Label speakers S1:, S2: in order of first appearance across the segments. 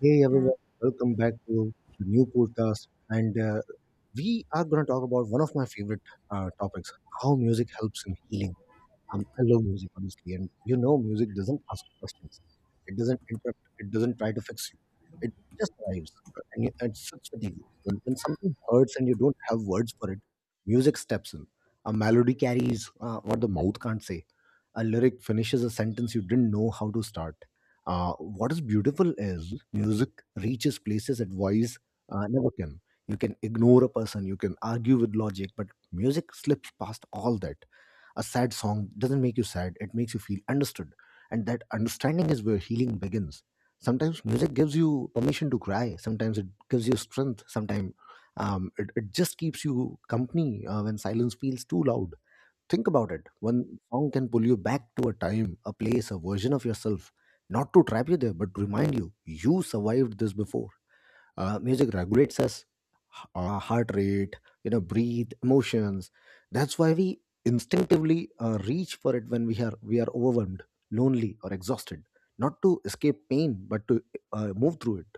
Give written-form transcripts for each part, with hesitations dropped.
S1: Hey everyone, welcome back to the new podcast. And We are going to talk about one of my favorite topics, how music helps in healing. I love music, honestly. And you know, music doesn't ask questions. It doesn't interrupt. It doesn't try to fix you. It just arrives. And you, it's such a deal. When something hurts and you don't have words for it, music steps in. A melody carries what the mouth can't say. A lyric finishes a sentence you didn't know how to start. What is beautiful is music reaches places that voice never can. You can ignore a person, you can argue with logic, but music slips past all that. A sad song doesn't make you sad, it makes you feel understood. And that understanding is where healing begins. Sometimes music gives you permission to cry, sometimes it gives you strength, sometimes it just keeps you company when silence feels too loud. Think about it. One song can pull you back to a time, a place, a version of yourself, not to trap you there, but to remind you you survived this before. Music regulates us, heart rate, you know, breathe, emotions. That's why we instinctively reach for it when we are overwhelmed, lonely, or exhausted. Not to escape pain, but to move through it.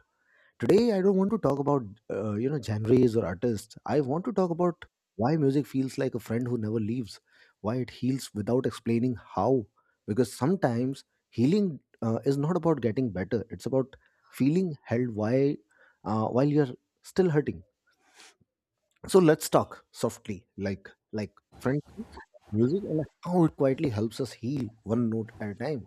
S1: Today, I don't want to talk about you know, genres or artists. I want to talk about why music feels like a friend who never leaves, why it heals without explaining how. Because sometimes healing is not about getting better; it's about feeling held while you're still hurting. So let's talk softly, like friendship, music, and how it quietly helps us heal one note at a time.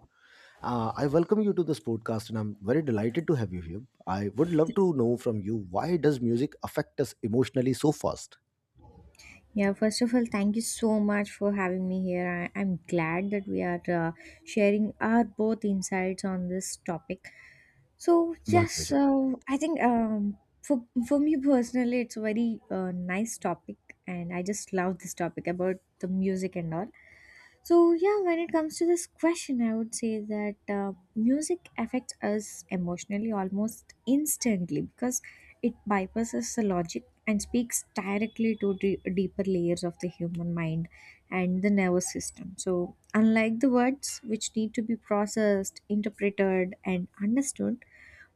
S1: I welcome you to this podcast, and I'm very delighted to have you here. I would love to know from you, why does music affect us emotionally so fast?
S2: Yeah, first of all, thank you so much for having me here. I'm glad that we are sharing our both insights on this topic. So,
S1: My
S2: yes,
S1: pleasure.
S2: so I think for me personally, it's a very nice topic, and I just love this topic about the music and all. So, yeah, when it comes to this question, I would say that music affects us emotionally almost instantly because it bypasses the logic and speaks directly to deeper layers of the human mind and the nervous system. So, unlike the words which need to be processed, interpreted, and understood,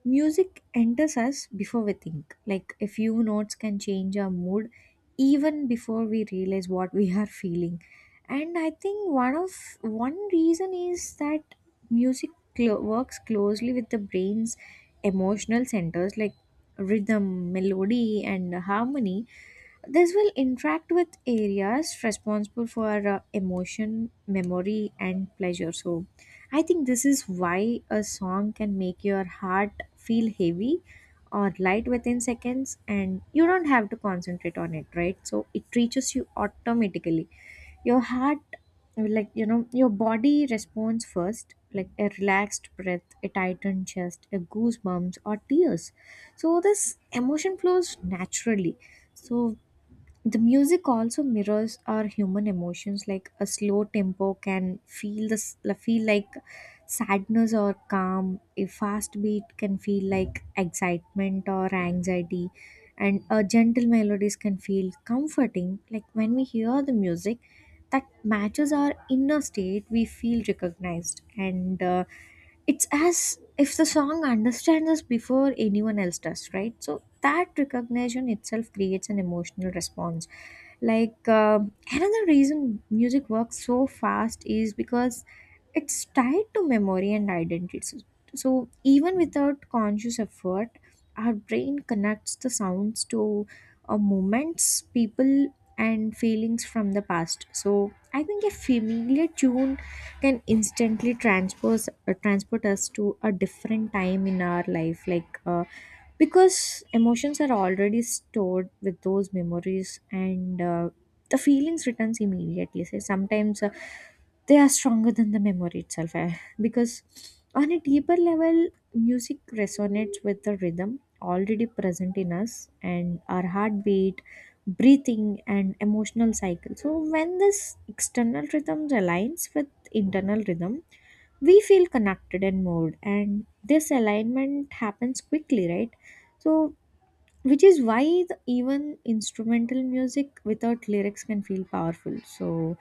S2: music enters us before we think. Like, a few notes can change our mood even before we realize what we are feeling. And I think one reason is that music works closely with the brain's emotional centers like rhythm, melody and harmony. This will interact with areas responsible for emotion, memory, and pleasure. So I think this is why a song can make your heart feel heavy or light within seconds, and you don't have to concentrate on it, right? So it reaches you automatically, your heart, like, you know, your body responds first, like a relaxed breath, a tightened chest, a goosebumps or tears. So this emotion flows naturally. So the music also mirrors our human emotions, like a slow tempo can feel like sadness or calm. A fast beat can feel like excitement or anxiety, and a gentle melodies can feel comforting. Like, when we hear the music that matches our inner state, we feel recognized and. It's as if the song understands us before anyone else does, right? So that recognition itself creates an emotional response. Like, another reason music works so fast is because it's tied to memory and identity. So even without conscious effort, our brain connects the sounds to moments, people, and feelings from the past. So I think a familiar tune can instantly transpose transport us to a different time in our life, like, because emotions are already stored with those memories, and the feelings returns immediately, so sometimes they are stronger than the memory itself, because on a deeper level music resonates with the rhythm already present in us, and our heartbeat, breathing, and emotional cycle. So when this external rhythm aligns with internal rhythm, we feel connected and moved, and this alignment happens quickly, right? So which is why even instrumental music without lyrics can feel powerful. So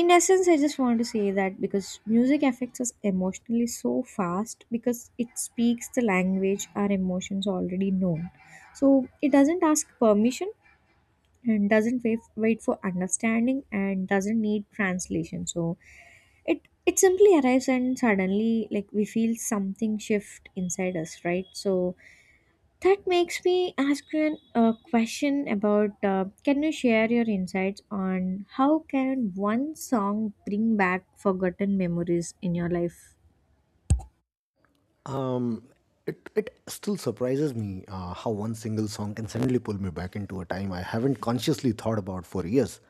S2: in essence, I just want to say that because music affects us emotionally so fast because it speaks the language our emotions already known. So it doesn't ask permission and doesn't wait for understanding and doesn't need translation. So it simply arrives and suddenly, like, we feel something shift inside us, right? So that makes me ask you a question about, can you share your insights on how can one song bring back forgotten memories in your life?
S1: Um, it still surprises me how one single song can suddenly pull me back into a time I haven't consciously thought about for years.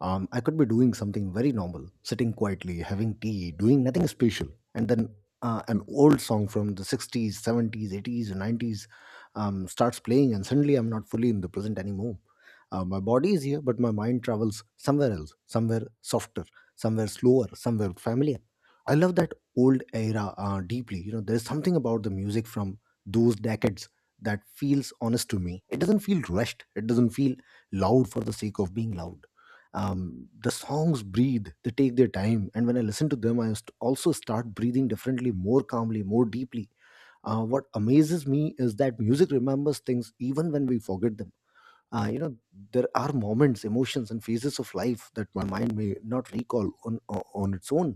S1: I could be doing something very normal, sitting quietly, having tea, doing nothing special, and then an old song from the 60s, 70s, 80s, and 90s starts playing, and suddenly I'm not fully in the present anymore. My body is here, but my mind travels somewhere else, somewhere softer, somewhere slower, somewhere familiar. I love that old era deeply. You know, there's something about the music from those decades that feels honest to me. It doesn't feel rushed. It doesn't feel loud for the sake of being loud. The songs breathe. They take their time, and when I listen to them, also start breathing differently, more calmly, more deeply. What amazes me is that music remembers things even when we forget them. You know, there are moments, emotions, and phases of life that my mind may not recall on its own,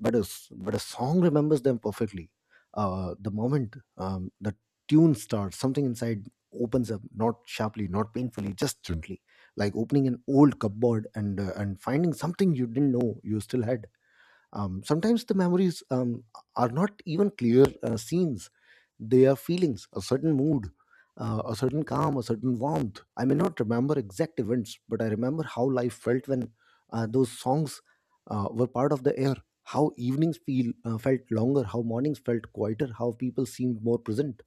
S1: but a song remembers them perfectly. The moment the tune starts, something inside opens up, not sharply, not painfully, just gently, like opening an old cupboard and and finding something you didn't know you still had. Sometimes the memories are not even clear scenes, they are feelings, a certain mood. A certain calm, a certain warmth. I may not remember exact events, but I remember how life felt when those songs were part of the air. How evenings feel felt longer, how mornings felt quieter, how people seemed more present.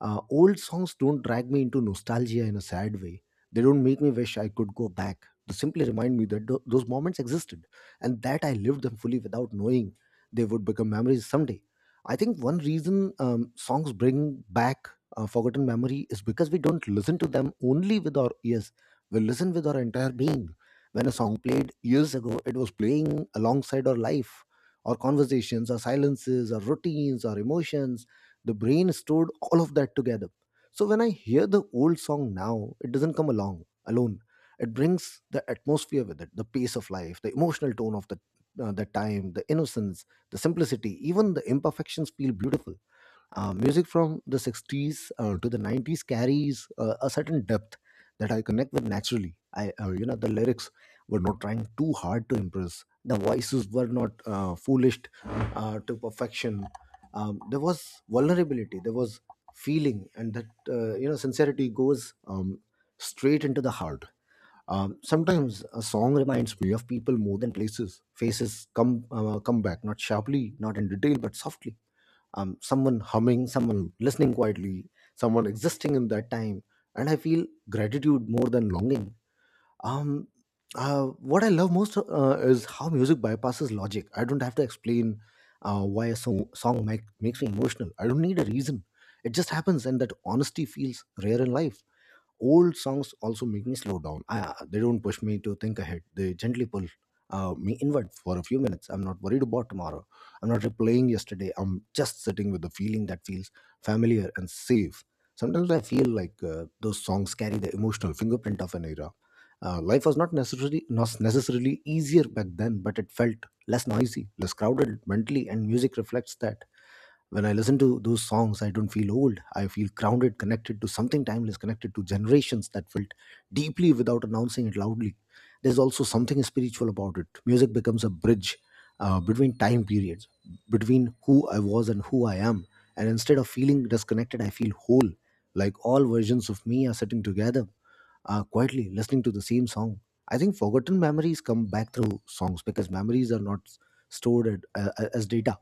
S1: Old songs don't drag me into nostalgia in a sad way. They don't make me wish I could go back. They simply remind me that those moments existed and that I lived them fully without knowing they would become memories someday. I think one reason songs bring back forgotten memory is because we don't listen to them only with our ears, we listen with our entire being. When a song played years ago, it was playing alongside our life, our conversations, our silences, our routines, our emotions. The brain stored all of that together. So when I hear the old song now, it doesn't come along alone. It brings the atmosphere with it, the pace of life, the emotional tone of the time, the innocence, the simplicity, even the imperfections feel beautiful. Music from the 60s to the 90s carries a certain depth that I connect with naturally. You know, the lyrics were not trying too hard to impress. The voices were not foolished to perfection. There was vulnerability. There was feeling, and that you know, sincerity goes straight into the heart. Sometimes a song reminds me of people more than places. Faces come back, not sharply, not in detail, but softly. Someone humming, someone listening quietly, someone existing in that time. And I feel gratitude more than longing. Um, what I love most is how music bypasses logic. I don't have to explain why a song makes me emotional. I don't need a reason. It just happens, and that honesty feels rare in life. Old songs also make me slow down. They don't push me to think ahead. They gently pull me inward for a few minutes. I'm not worried about tomorrow. I'm not replaying yesterday. I'm just sitting with the feeling that feels familiar and safe. Sometimes I feel like those songs carry the emotional fingerprint of an era. Life was not necessarily easier back then, but it felt less noisy, less crowded mentally, and music reflects that. When I listen to those songs, I don't feel old, I feel grounded, connected to something timeless, connected to generations that felt deeply without announcing it loudly. There's also something spiritual about it. Music becomes a bridge between time periods, between who I was and who I am, and instead of feeling disconnected, I feel whole, like all versions of me are sitting together, quietly listening to the same song. I think forgotten memories come back through songs because memories are not stored as data.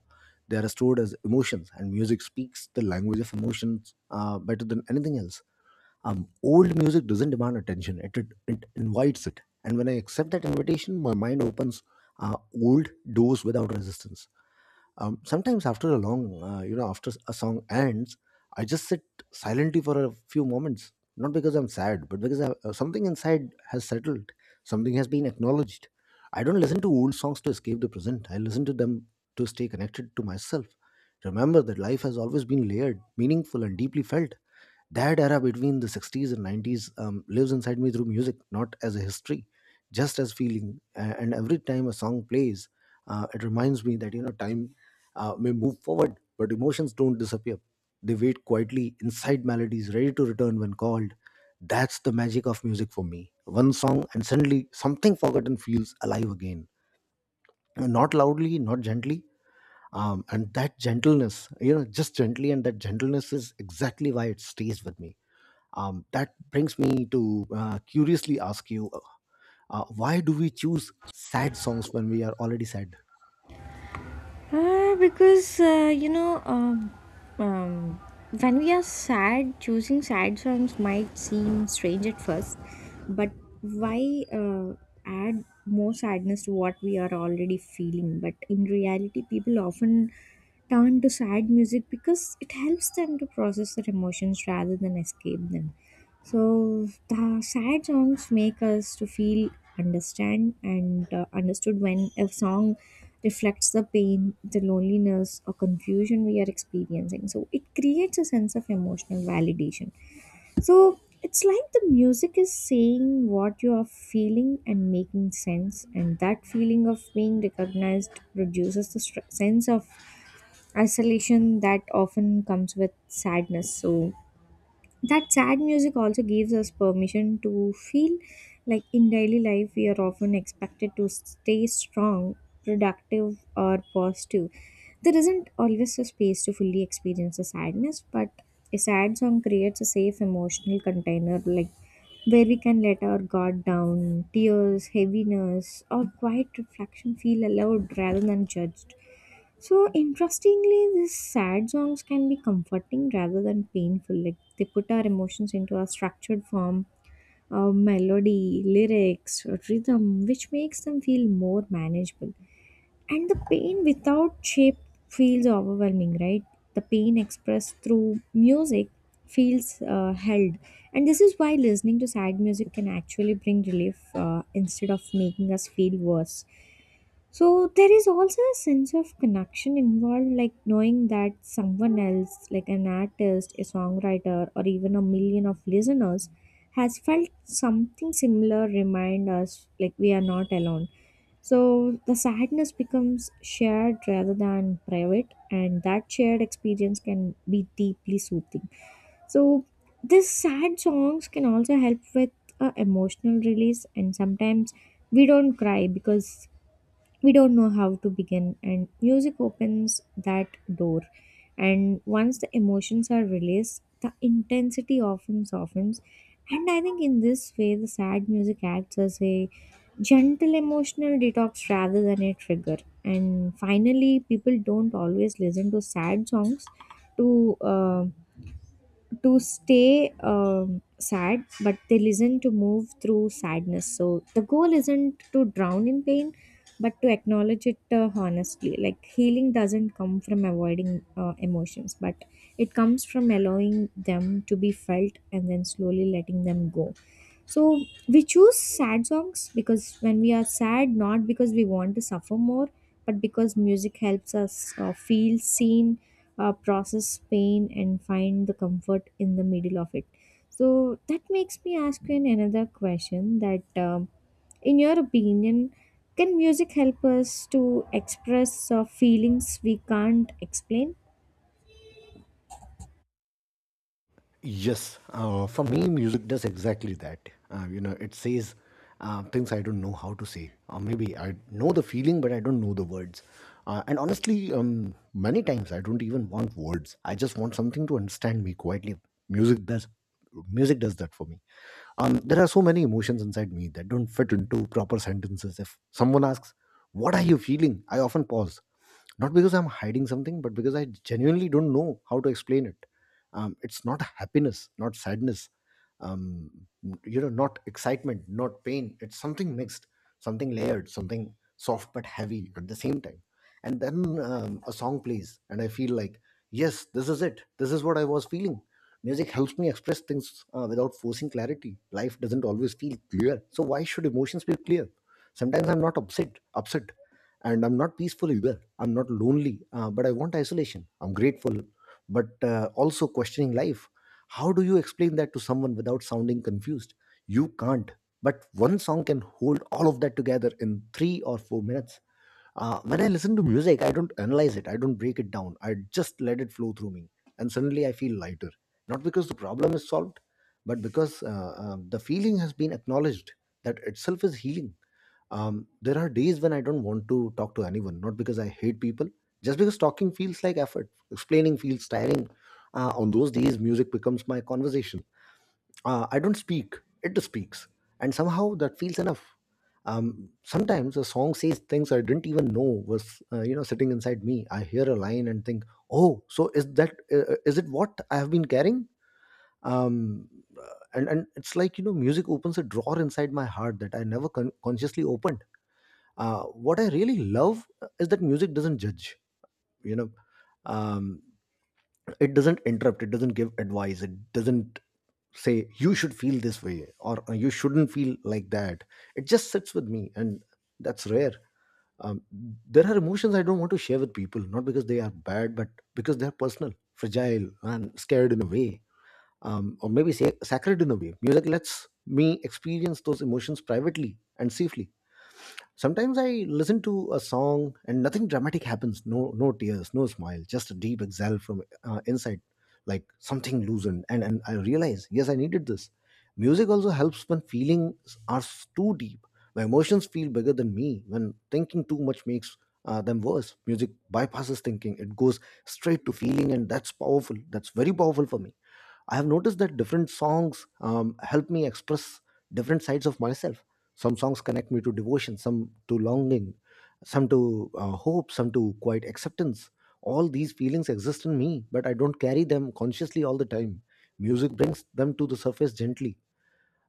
S1: They are stored as emotions, and music speaks the language of emotions better than anything else. Old music doesn't demand attention, it invites it. And when I accept that invitation, my mind opens old doors without resistance. Sometimes after a long you know, after a song ends, I just sit silently for a few moments, not because I'm sad, but because something inside has settled, something has been acknowledged. I don't listen to old songs to escape the present, I listen to them to stay connected to myself, remember that life has always been layered, meaningful, and deeply felt. That era between the 60s and 90s lives inside me through music, not as a history, just as feeling. And every time a song plays, it reminds me that, you know, time may move forward but emotions don't disappear, they wait quietly inside melodies, ready to return when called. That's the magic of music for me. One song and suddenly something forgotten feels alive again, not loudly, not gently. And that gentleness, you know just gently and that gentleness is exactly why it stays with me. That brings me to curiously ask you, why do we choose sad songs when we are already sad?
S2: Because, you know, um, when we are sad, choosing sad songs might seem strange at first, but why add more sadness to what we are already feeling? But in reality, people often turn to sad music because it helps them to process their emotions rather than escape them. So the sad songs make us to feel understand and understood when a song reflects the pain, the loneliness, or confusion we are experiencing. So it creates a sense of emotional validation. So it's like the music is saying what you are feeling and making sense, and that feeling of being recognized reduces the sense of isolation that often comes with sadness. So that sad music also gives us permission to feel, like, in daily life we are often expected to stay strong, productive or positive. There isn't always a space to fully experience the sadness, but a sad song creates a safe emotional container, like where we can let our guard down. Tears, heaviness, or quiet reflection feel allowed rather than judged. So interestingly, these sad songs can be comforting rather than painful. Like, they put our emotions into a structured form, melody, lyrics, rhythm, which makes them feel more manageable. And the pain without shape feels overwhelming, right? The pain expressed through music feels held, and this is why listening to sad music can actually bring relief instead of making us feel worse. So there is also a sense of connection involved, like knowing that someone else, like an artist, a songwriter, or even a million of listeners, has felt something similar. Remind us, like, we are not alone. So the sadness becomes shared rather than private, and that shared experience can be deeply soothing. So these sad songs can also help with emotional release, and sometimes we don't cry because we don't know how to begin, and music opens that door. And once the emotions are released, the intensity often softens. And I think in this way the sad music acts as a gentle emotional detox rather than a trigger. And finally, people don't always listen to sad songs to stay sad, but they listen to move through sadness. So the goal isn't to drown in pain, but to acknowledge it honestly. Like, healing doesn't come from avoiding emotions, but it comes from allowing them to be felt and then slowly letting them go. So we choose sad songs because when we are sad, not because we want to suffer more, but because music helps us feel seen, process pain, and find the comfort in the middle of it. So that makes me ask you another question that, in your opinion, can music help us to express feelings we can't explain?
S1: Yes, for me, music does exactly that. You know, it says things I don't know how to say, or maybe I know the feeling, but I don't know the words. And honestly, many times I don't even want words. I just want something to understand me quietly. Music does, music does that for me. There are so many emotions inside me that don't fit into proper sentences. If someone asks, "What are you feeling?" I often pause, not because I'm hiding something, but because I genuinely don't know how to explain it. It's not happiness, not sadness, um, you know, not excitement, not pain, it's something mixed, something layered, something soft but heavy at the same time. And then a song plays and I feel like, yes, this is it, this is what I was feeling. Music helps me express things without forcing clarity. Life doesn't always feel clear, so why should emotions be clear? Sometimes I'm not upset upset, and I'm not peaceful either, I'm not lonely, but I want isolation, I'm grateful but also questioning life. How do you explain that to someone without sounding confused? You can't. But one song can hold all of that together in 3 or 4 minutes. When I listen to music, I don't analyze it, I don't break it down, I just let it flow through me. And suddenly I feel lighter. Not because the problem is solved, but because the feeling has been acknowledged. That itself is healing. There are days when I don't want to talk to anyone, not because I hate people, just because talking feels like effort, explaining feels tiring. On those days, music becomes my conversation. I don't speak, it speaks. And somehow that feels enough. Sometimes a song says things I didn't even know was, sitting inside me. I hear a line and think, oh, so is that, is it what I have been carrying? Um, uh, and it's like, music opens a drawer inside my heart that I never consciously opened. What I really love is that music doesn't judge. You know, um, it doesn't interrupt. It doesn't give advice. It doesn't say you should feel this way or "You shouldn't feel like that." It just sits with me, and that's rare. Um, there are emotions I don't want to share with people, not because they are bad, but because they are personal, fragile, and scared in a way, or maybe say sacred in a way. Music lets me experience those emotions privately and safely. Sometimes I listen to a song and nothing dramatic happens. No, no tears, no smile, just a deep exhale from inside, like something loosened. And I realize, yes, I needed this. Music also helps when feelings are too deep. My emotions feel bigger than me. When thinking too much makes them worse. Music bypasses thinking; it goes straight to feeling, and that's powerful. That's very powerful for me. I have noticed that different songs help me express different sides of myself. Some songs connect me to devotion, some to longing, some to hope, some to quiet acceptance. All these feelings exist in me, but I don't carry them consciously all the time. Music brings them to the surface gently.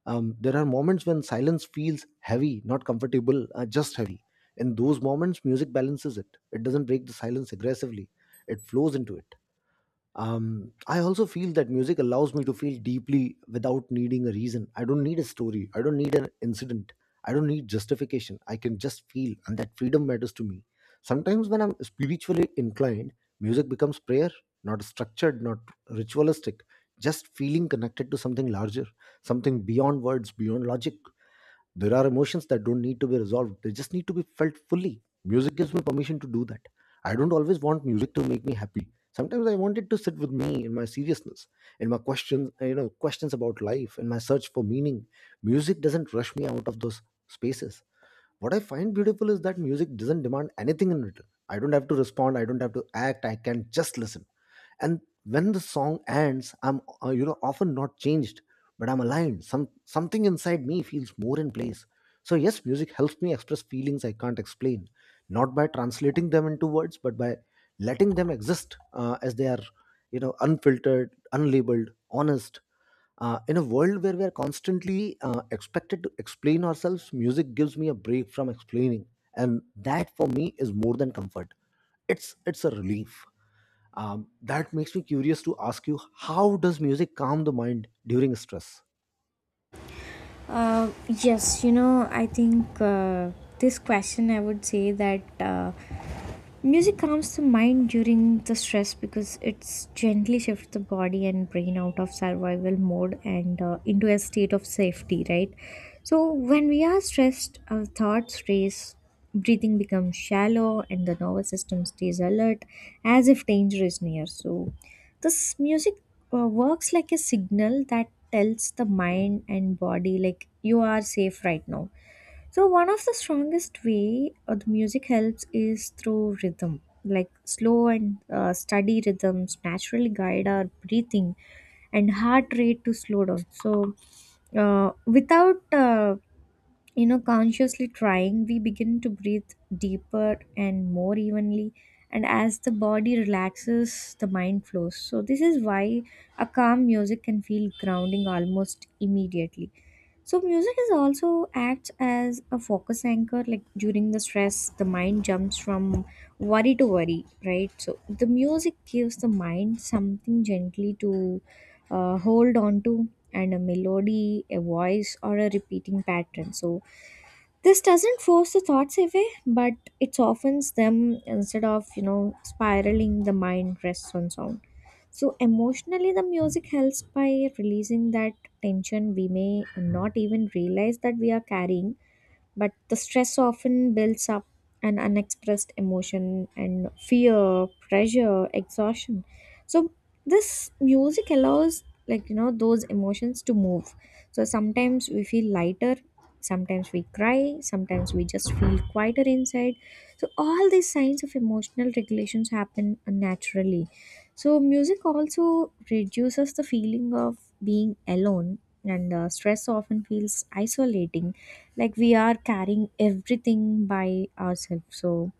S1: There are moments when silence feels heavy, not comfortable, just heavy. In those moments, music balances it. It doesn't break the silence aggressively, it flows into it. I also feel that music allows me to feel deeply without needing a reason. I don't need a story. I don't need an incident. I don't need justification. I can just feel, and that freedom matters to me. Sometimes, when I'm spiritually inclined, music becomes prayer, not structured, not ritualistic, just feeling connected to something larger, something beyond words, beyond logic. There are emotions that don't need to be resolved, they just need to be felt fully. Music gives me permission to do that. I don't always want music to make me happy. Sometimes I want it to sit with me in my seriousness, in my questions, questions about life, in my search for meaning. Music doesn't rush me out of those spaces. What I find beautiful is that music doesn't demand anything in return. I don't have to respond, I don't have to act, I can just listen. And when the song ends, I'm often not changed, but I'm aligned. Something inside me feels more in place. So yes, music helps me express feelings I can't explain, not by translating them into words, but by letting them exist as they are, unfiltered, unlabeled, honest. In a world where we are constantly expected to explain ourselves, music gives me a break from explaining. And that for me is more than comfort, it's a relief. That makes me curious to ask you, how does music calm the mind during stress?
S2: Uh, yes, you know, I think, this question I would say that. Music comes to mind during the stress because it's gently shifts the body and brain out of survival mode and into a state of safety, right? So when we are stressed, our thoughts race, breathing becomes shallow, and the nervous system stays alert as if danger is near. So this music works like a signal that tells the mind and body, like, you are safe right now. So one of the strongest way the music helps is through rhythm. Like, slow and steady rhythms naturally guide our breathing and heart rate to slow down. So without you know consciously trying, we begin to breathe deeper and more evenly. And as the body relaxes, the mind flows. So this is why a calm music can feel grounding almost immediately. So music is also acts as a focus anchor, like, during the stress the mind jumps from worry to worry, right? So the music gives the mind something gently to hold on to, and a melody, a voice, or a repeating pattern. So this doesn't force the thoughts away, but it softens them. Instead of, you know, spiraling, the mind rests on sound. So emotionally the music helps by releasing that tension we may not even realize that we are carrying, but the stress often builds up an unexpressed emotion and fear, pressure, exhaustion. So this music allows, like, you know, those emotions to move. So sometimes we feel lighter, sometimes we cry, sometimes we just feel quieter inside. So all these signs of emotional regulations happen naturally. So music also reduces the feeling of being alone, and stress often feels isolating, like we are carrying everything by ourselves. So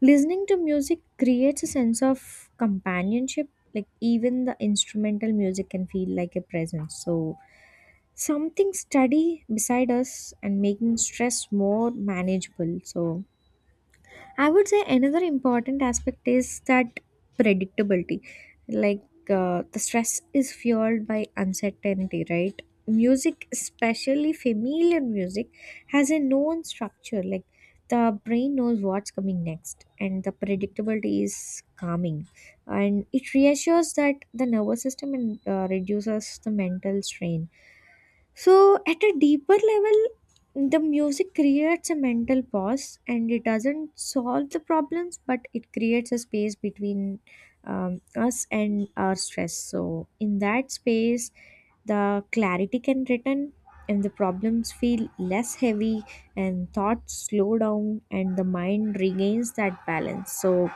S2: listening to music creates a sense of companionship, like, even the instrumental music can feel like a presence. So something steady beside us and making stress more manageable. So I would say another important aspect is that predictability. Like, the stress is fueled by uncertainty, right? Music, especially familiar music, has a known structure. Like, the brain knows what's coming next, and the predictability is calming. And it reassures that the nervous system, and reduces the mental strain. So, at a deeper level, the music creates a mental pause, and it doesn't solve the problems, but it creates a space between us and our stress. So, in that space, the clarity can return, and the problems feel less heavy, and thoughts slow down, and the mind regains that balance. So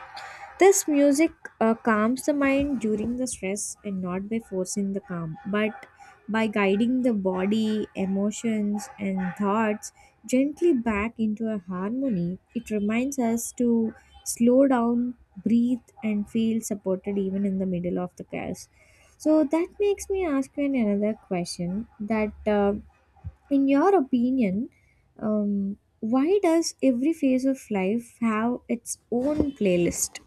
S2: this music calms the mind during the stress, and not by forcing the calm, but by guiding the body, emotions, and thoughts gently back into a harmony. It reminds us to slow down, breathe, and feel supported even in the middle of the chaos. So that makes me ask you another question that, in your opinion, um, why does every phase of life have its own playlist?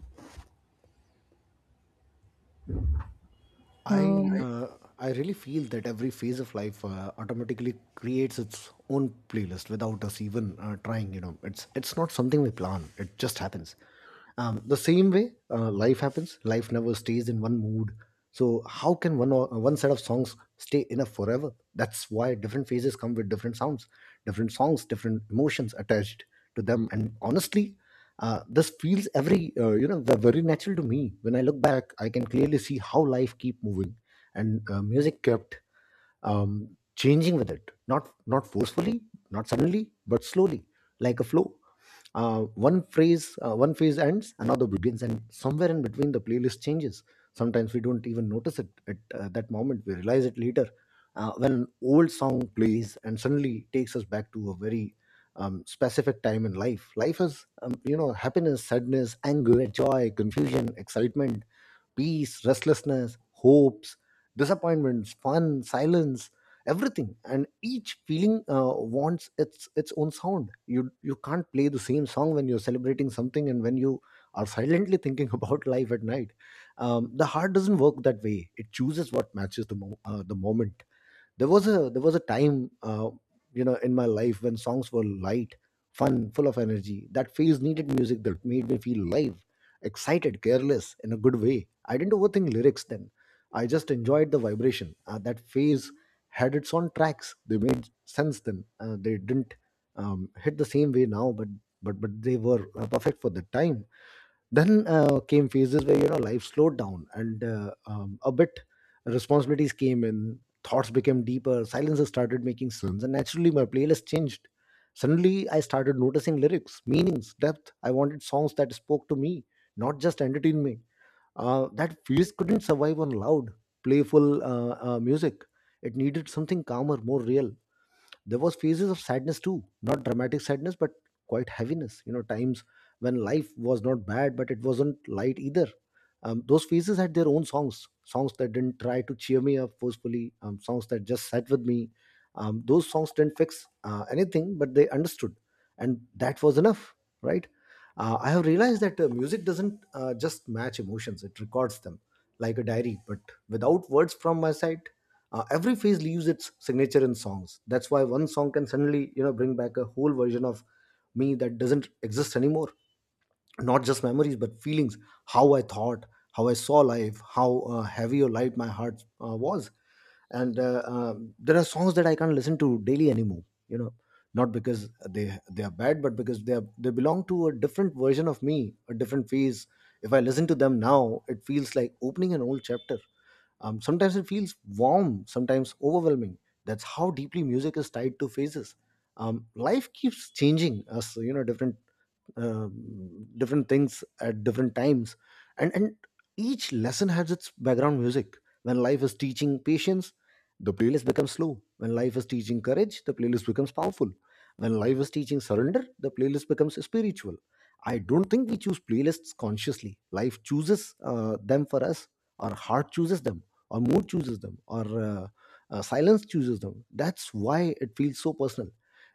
S1: I
S2: Right.
S1: uh, I really feel that every phase of life automatically creates its own playlist without us even trying. You know, it's not something we plan. It just happens. The same way life happens. Life never stays in one mood. So how can one set of songs stay enough forever? That's why different phases come with different sounds, different songs, different emotions attached to them. And honestly, this feels every very natural to me. When I look back, I can clearly see how life keep moving, and music kept changing with it, not not forcefully, not suddenly, but slowly, like a flow. uh, One phase ends, another begins, and somewhere in between the playlist changes. Sometimes we don't even notice it at that moment, we realize it later, when an old song plays and suddenly takes us back to a very specific time in life. Life is, happiness, sadness, anger, joy, confusion, excitement, peace, restlessness, hopes, disappointments, fun, silence, everything. And each feeling wants its own sound. You can't play the same song when you're celebrating something and when you are silently thinking about life at night. The heart doesn't work that way. It chooses what matches the the moment. There was a time in my life when songs were light, fun, full of energy. That phase needed music that made me feel live, excited, careless in a good way. I didn't overthink lyrics then, I just enjoyed the vibration. That phase had its own tracks. They made sense then, they didn't hit the same way now, but they were perfect for the time. Then came phases where, you know, life slowed down and a bit, responsibilities came in, thoughts became deeper, silences started making sense, and naturally my playlist changed. Suddenly I started noticing lyrics, meanings, depth. I wanted songs that spoke to me, not just entertain me. That phase couldn't survive on loud, playful music. It needed something calmer, more real. There was phases of sadness too, not dramatic sadness, but quite heaviness, you know, times when life was not bad but it wasn't light either. Those phases had their own songs, songs that didn't try to cheer me up forcefully, songs that just sat with me. Those songs didn't fix anything, but they understood. And that was enough, right. I have realized that music doesn't just match emotions, it records them, like a diary but without words from my side. Every phase leaves its signature in songs. That's why one song can suddenly, you know, bring back a whole version of me that doesn't exist anymore, not just memories but feelings, how I thought, how I saw life, how heavy or light my heart was. And uh, um, there are songs that I can't listen to daily anymore, you know, not because they are bad, but because they belong to a different version of me, a different phase. If I listen to them now, it feels like opening an old chapter. Sometimes it feels warm, sometimes overwhelming. That's how deeply music is tied to phases. Life keeps changing us, you know, different uh, different things at different times, and each lesson has its background music. When life is teaching patience, the playlist becomes slow. When life is teaching courage, the playlist becomes powerful. When life is teaching surrender, the playlist becomes spiritual. I don't think we choose playlists consciously. Life chooses them for us, or heart chooses them, or mood chooses them, or uh, silence chooses them. That's why it feels so personal.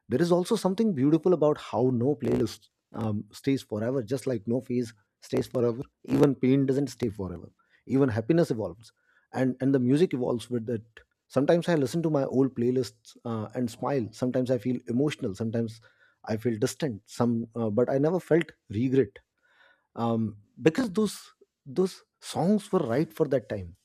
S1: There is also something beautiful about how no playlist stays forever, just like no phase stays forever. Even pain doesn't stay forever. Even happiness evolves, and the music evolves with it. Sometimes I listen to my old playlists and smile. Sometimes I feel emotional. Sometimes I feel distant. But I never felt regret, because those songs were right for that time.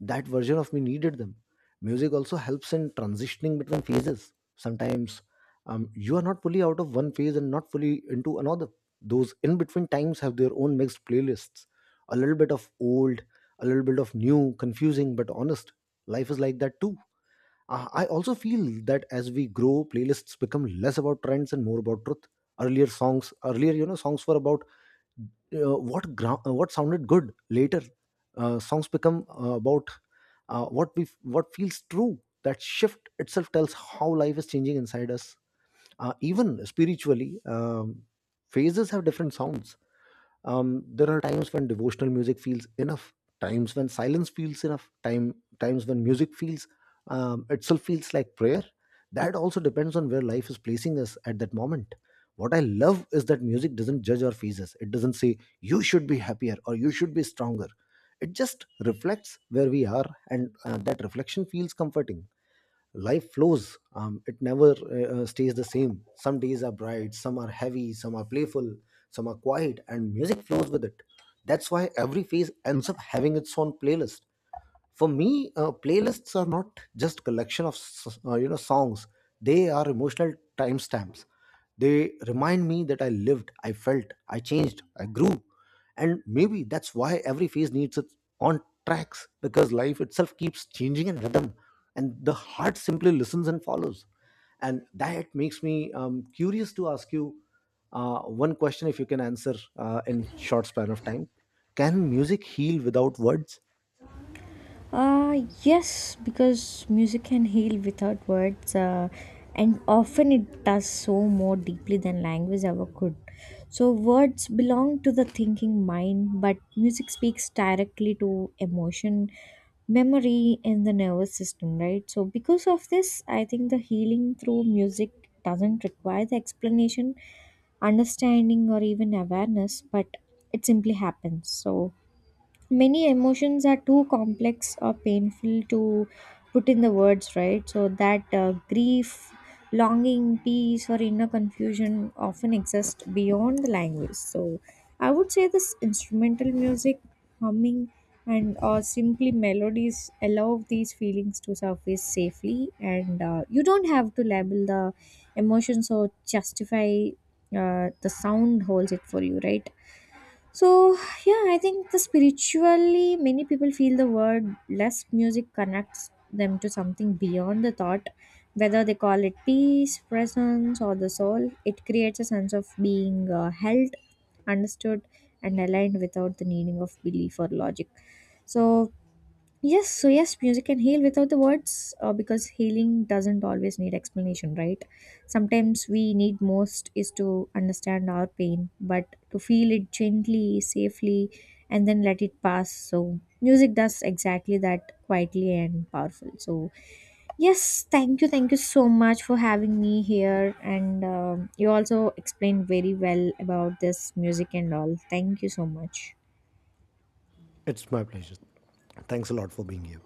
S1: That version of me needed them. Music also helps in transitioning between phases. Sometimes, you are not fully out of one phase and not fully into another. Those in between times have their own mixed playlists, a little bit of old, a little bit of new, confusing but honest. Life is like that too. I also feel that as we grow, playlists become less about trends and more about truth. Earlier songs, earlier, you know, songs were about what sounded good. Later songs become about what feels true. That shift itself tells how life is changing inside us. Even spiritually, phases have different sounds. There are times when devotional music feels enough, times when silence feels enough time, times when music feels itself feels like prayer. That also depends on where life is placing us at that moment. What I love is that music doesn't judge our phases. It doesn't say you should be happier or you should be stronger. It just reflects where we are, and that reflection feels comforting. Life flows, it never stays the same. Some days are bright, some are heavy, some are playful, some are quiet, and music flows with it. That's why every phase ends up having its own playlist. For me, playlists are not just collection of songs, they are emotional timestamps. They remind me that I lived, I felt, I changed, I grew. And maybe that's why every phase needs its on tracks, because life itself keeps changing in rhythm, and the heart simply listens and follows. And that makes me curious to ask you one question, if you can answer in short span of time, can music heal without words?
S2: uh, yes, because music can heal without words, and often it does so more deeply than language ever could. So, words belong to the thinking mind, but music speaks directly to emotion, memory, and the nervous system, right? So, because of this, I think the healing through music doesn't require the explanation, understanding, or even awareness, but it simply happens. So, many emotions are too complex or painful to put in the words, right? So that, grief, longing, peace, or inner confusion often exist beyond the language. So I would say this instrumental music, humming, and or simply melodies allow these feelings to surface safely, and you don't have to label the emotions or justify, the sound holds it for you, right? So, yeah, I think the spiritually, many people feel the word less music connects them to something beyond the thought, whether they call it peace, presence, or the soul. It creates a sense of being held, understood, and aligned without the needing of belief or logic. So, yes, so yes, music can heal without the words because healing doesn't always need explanation, right? Sometimes we need most is to understand our pain, but to feel it gently, safely, and then let it pass. So, music does exactly that quietly and powerful. So, yes, thank you so much for having me here. And you also explained very well about this music and all. Thank you so much.
S1: It's my pleasure. Thanks a lot for being here.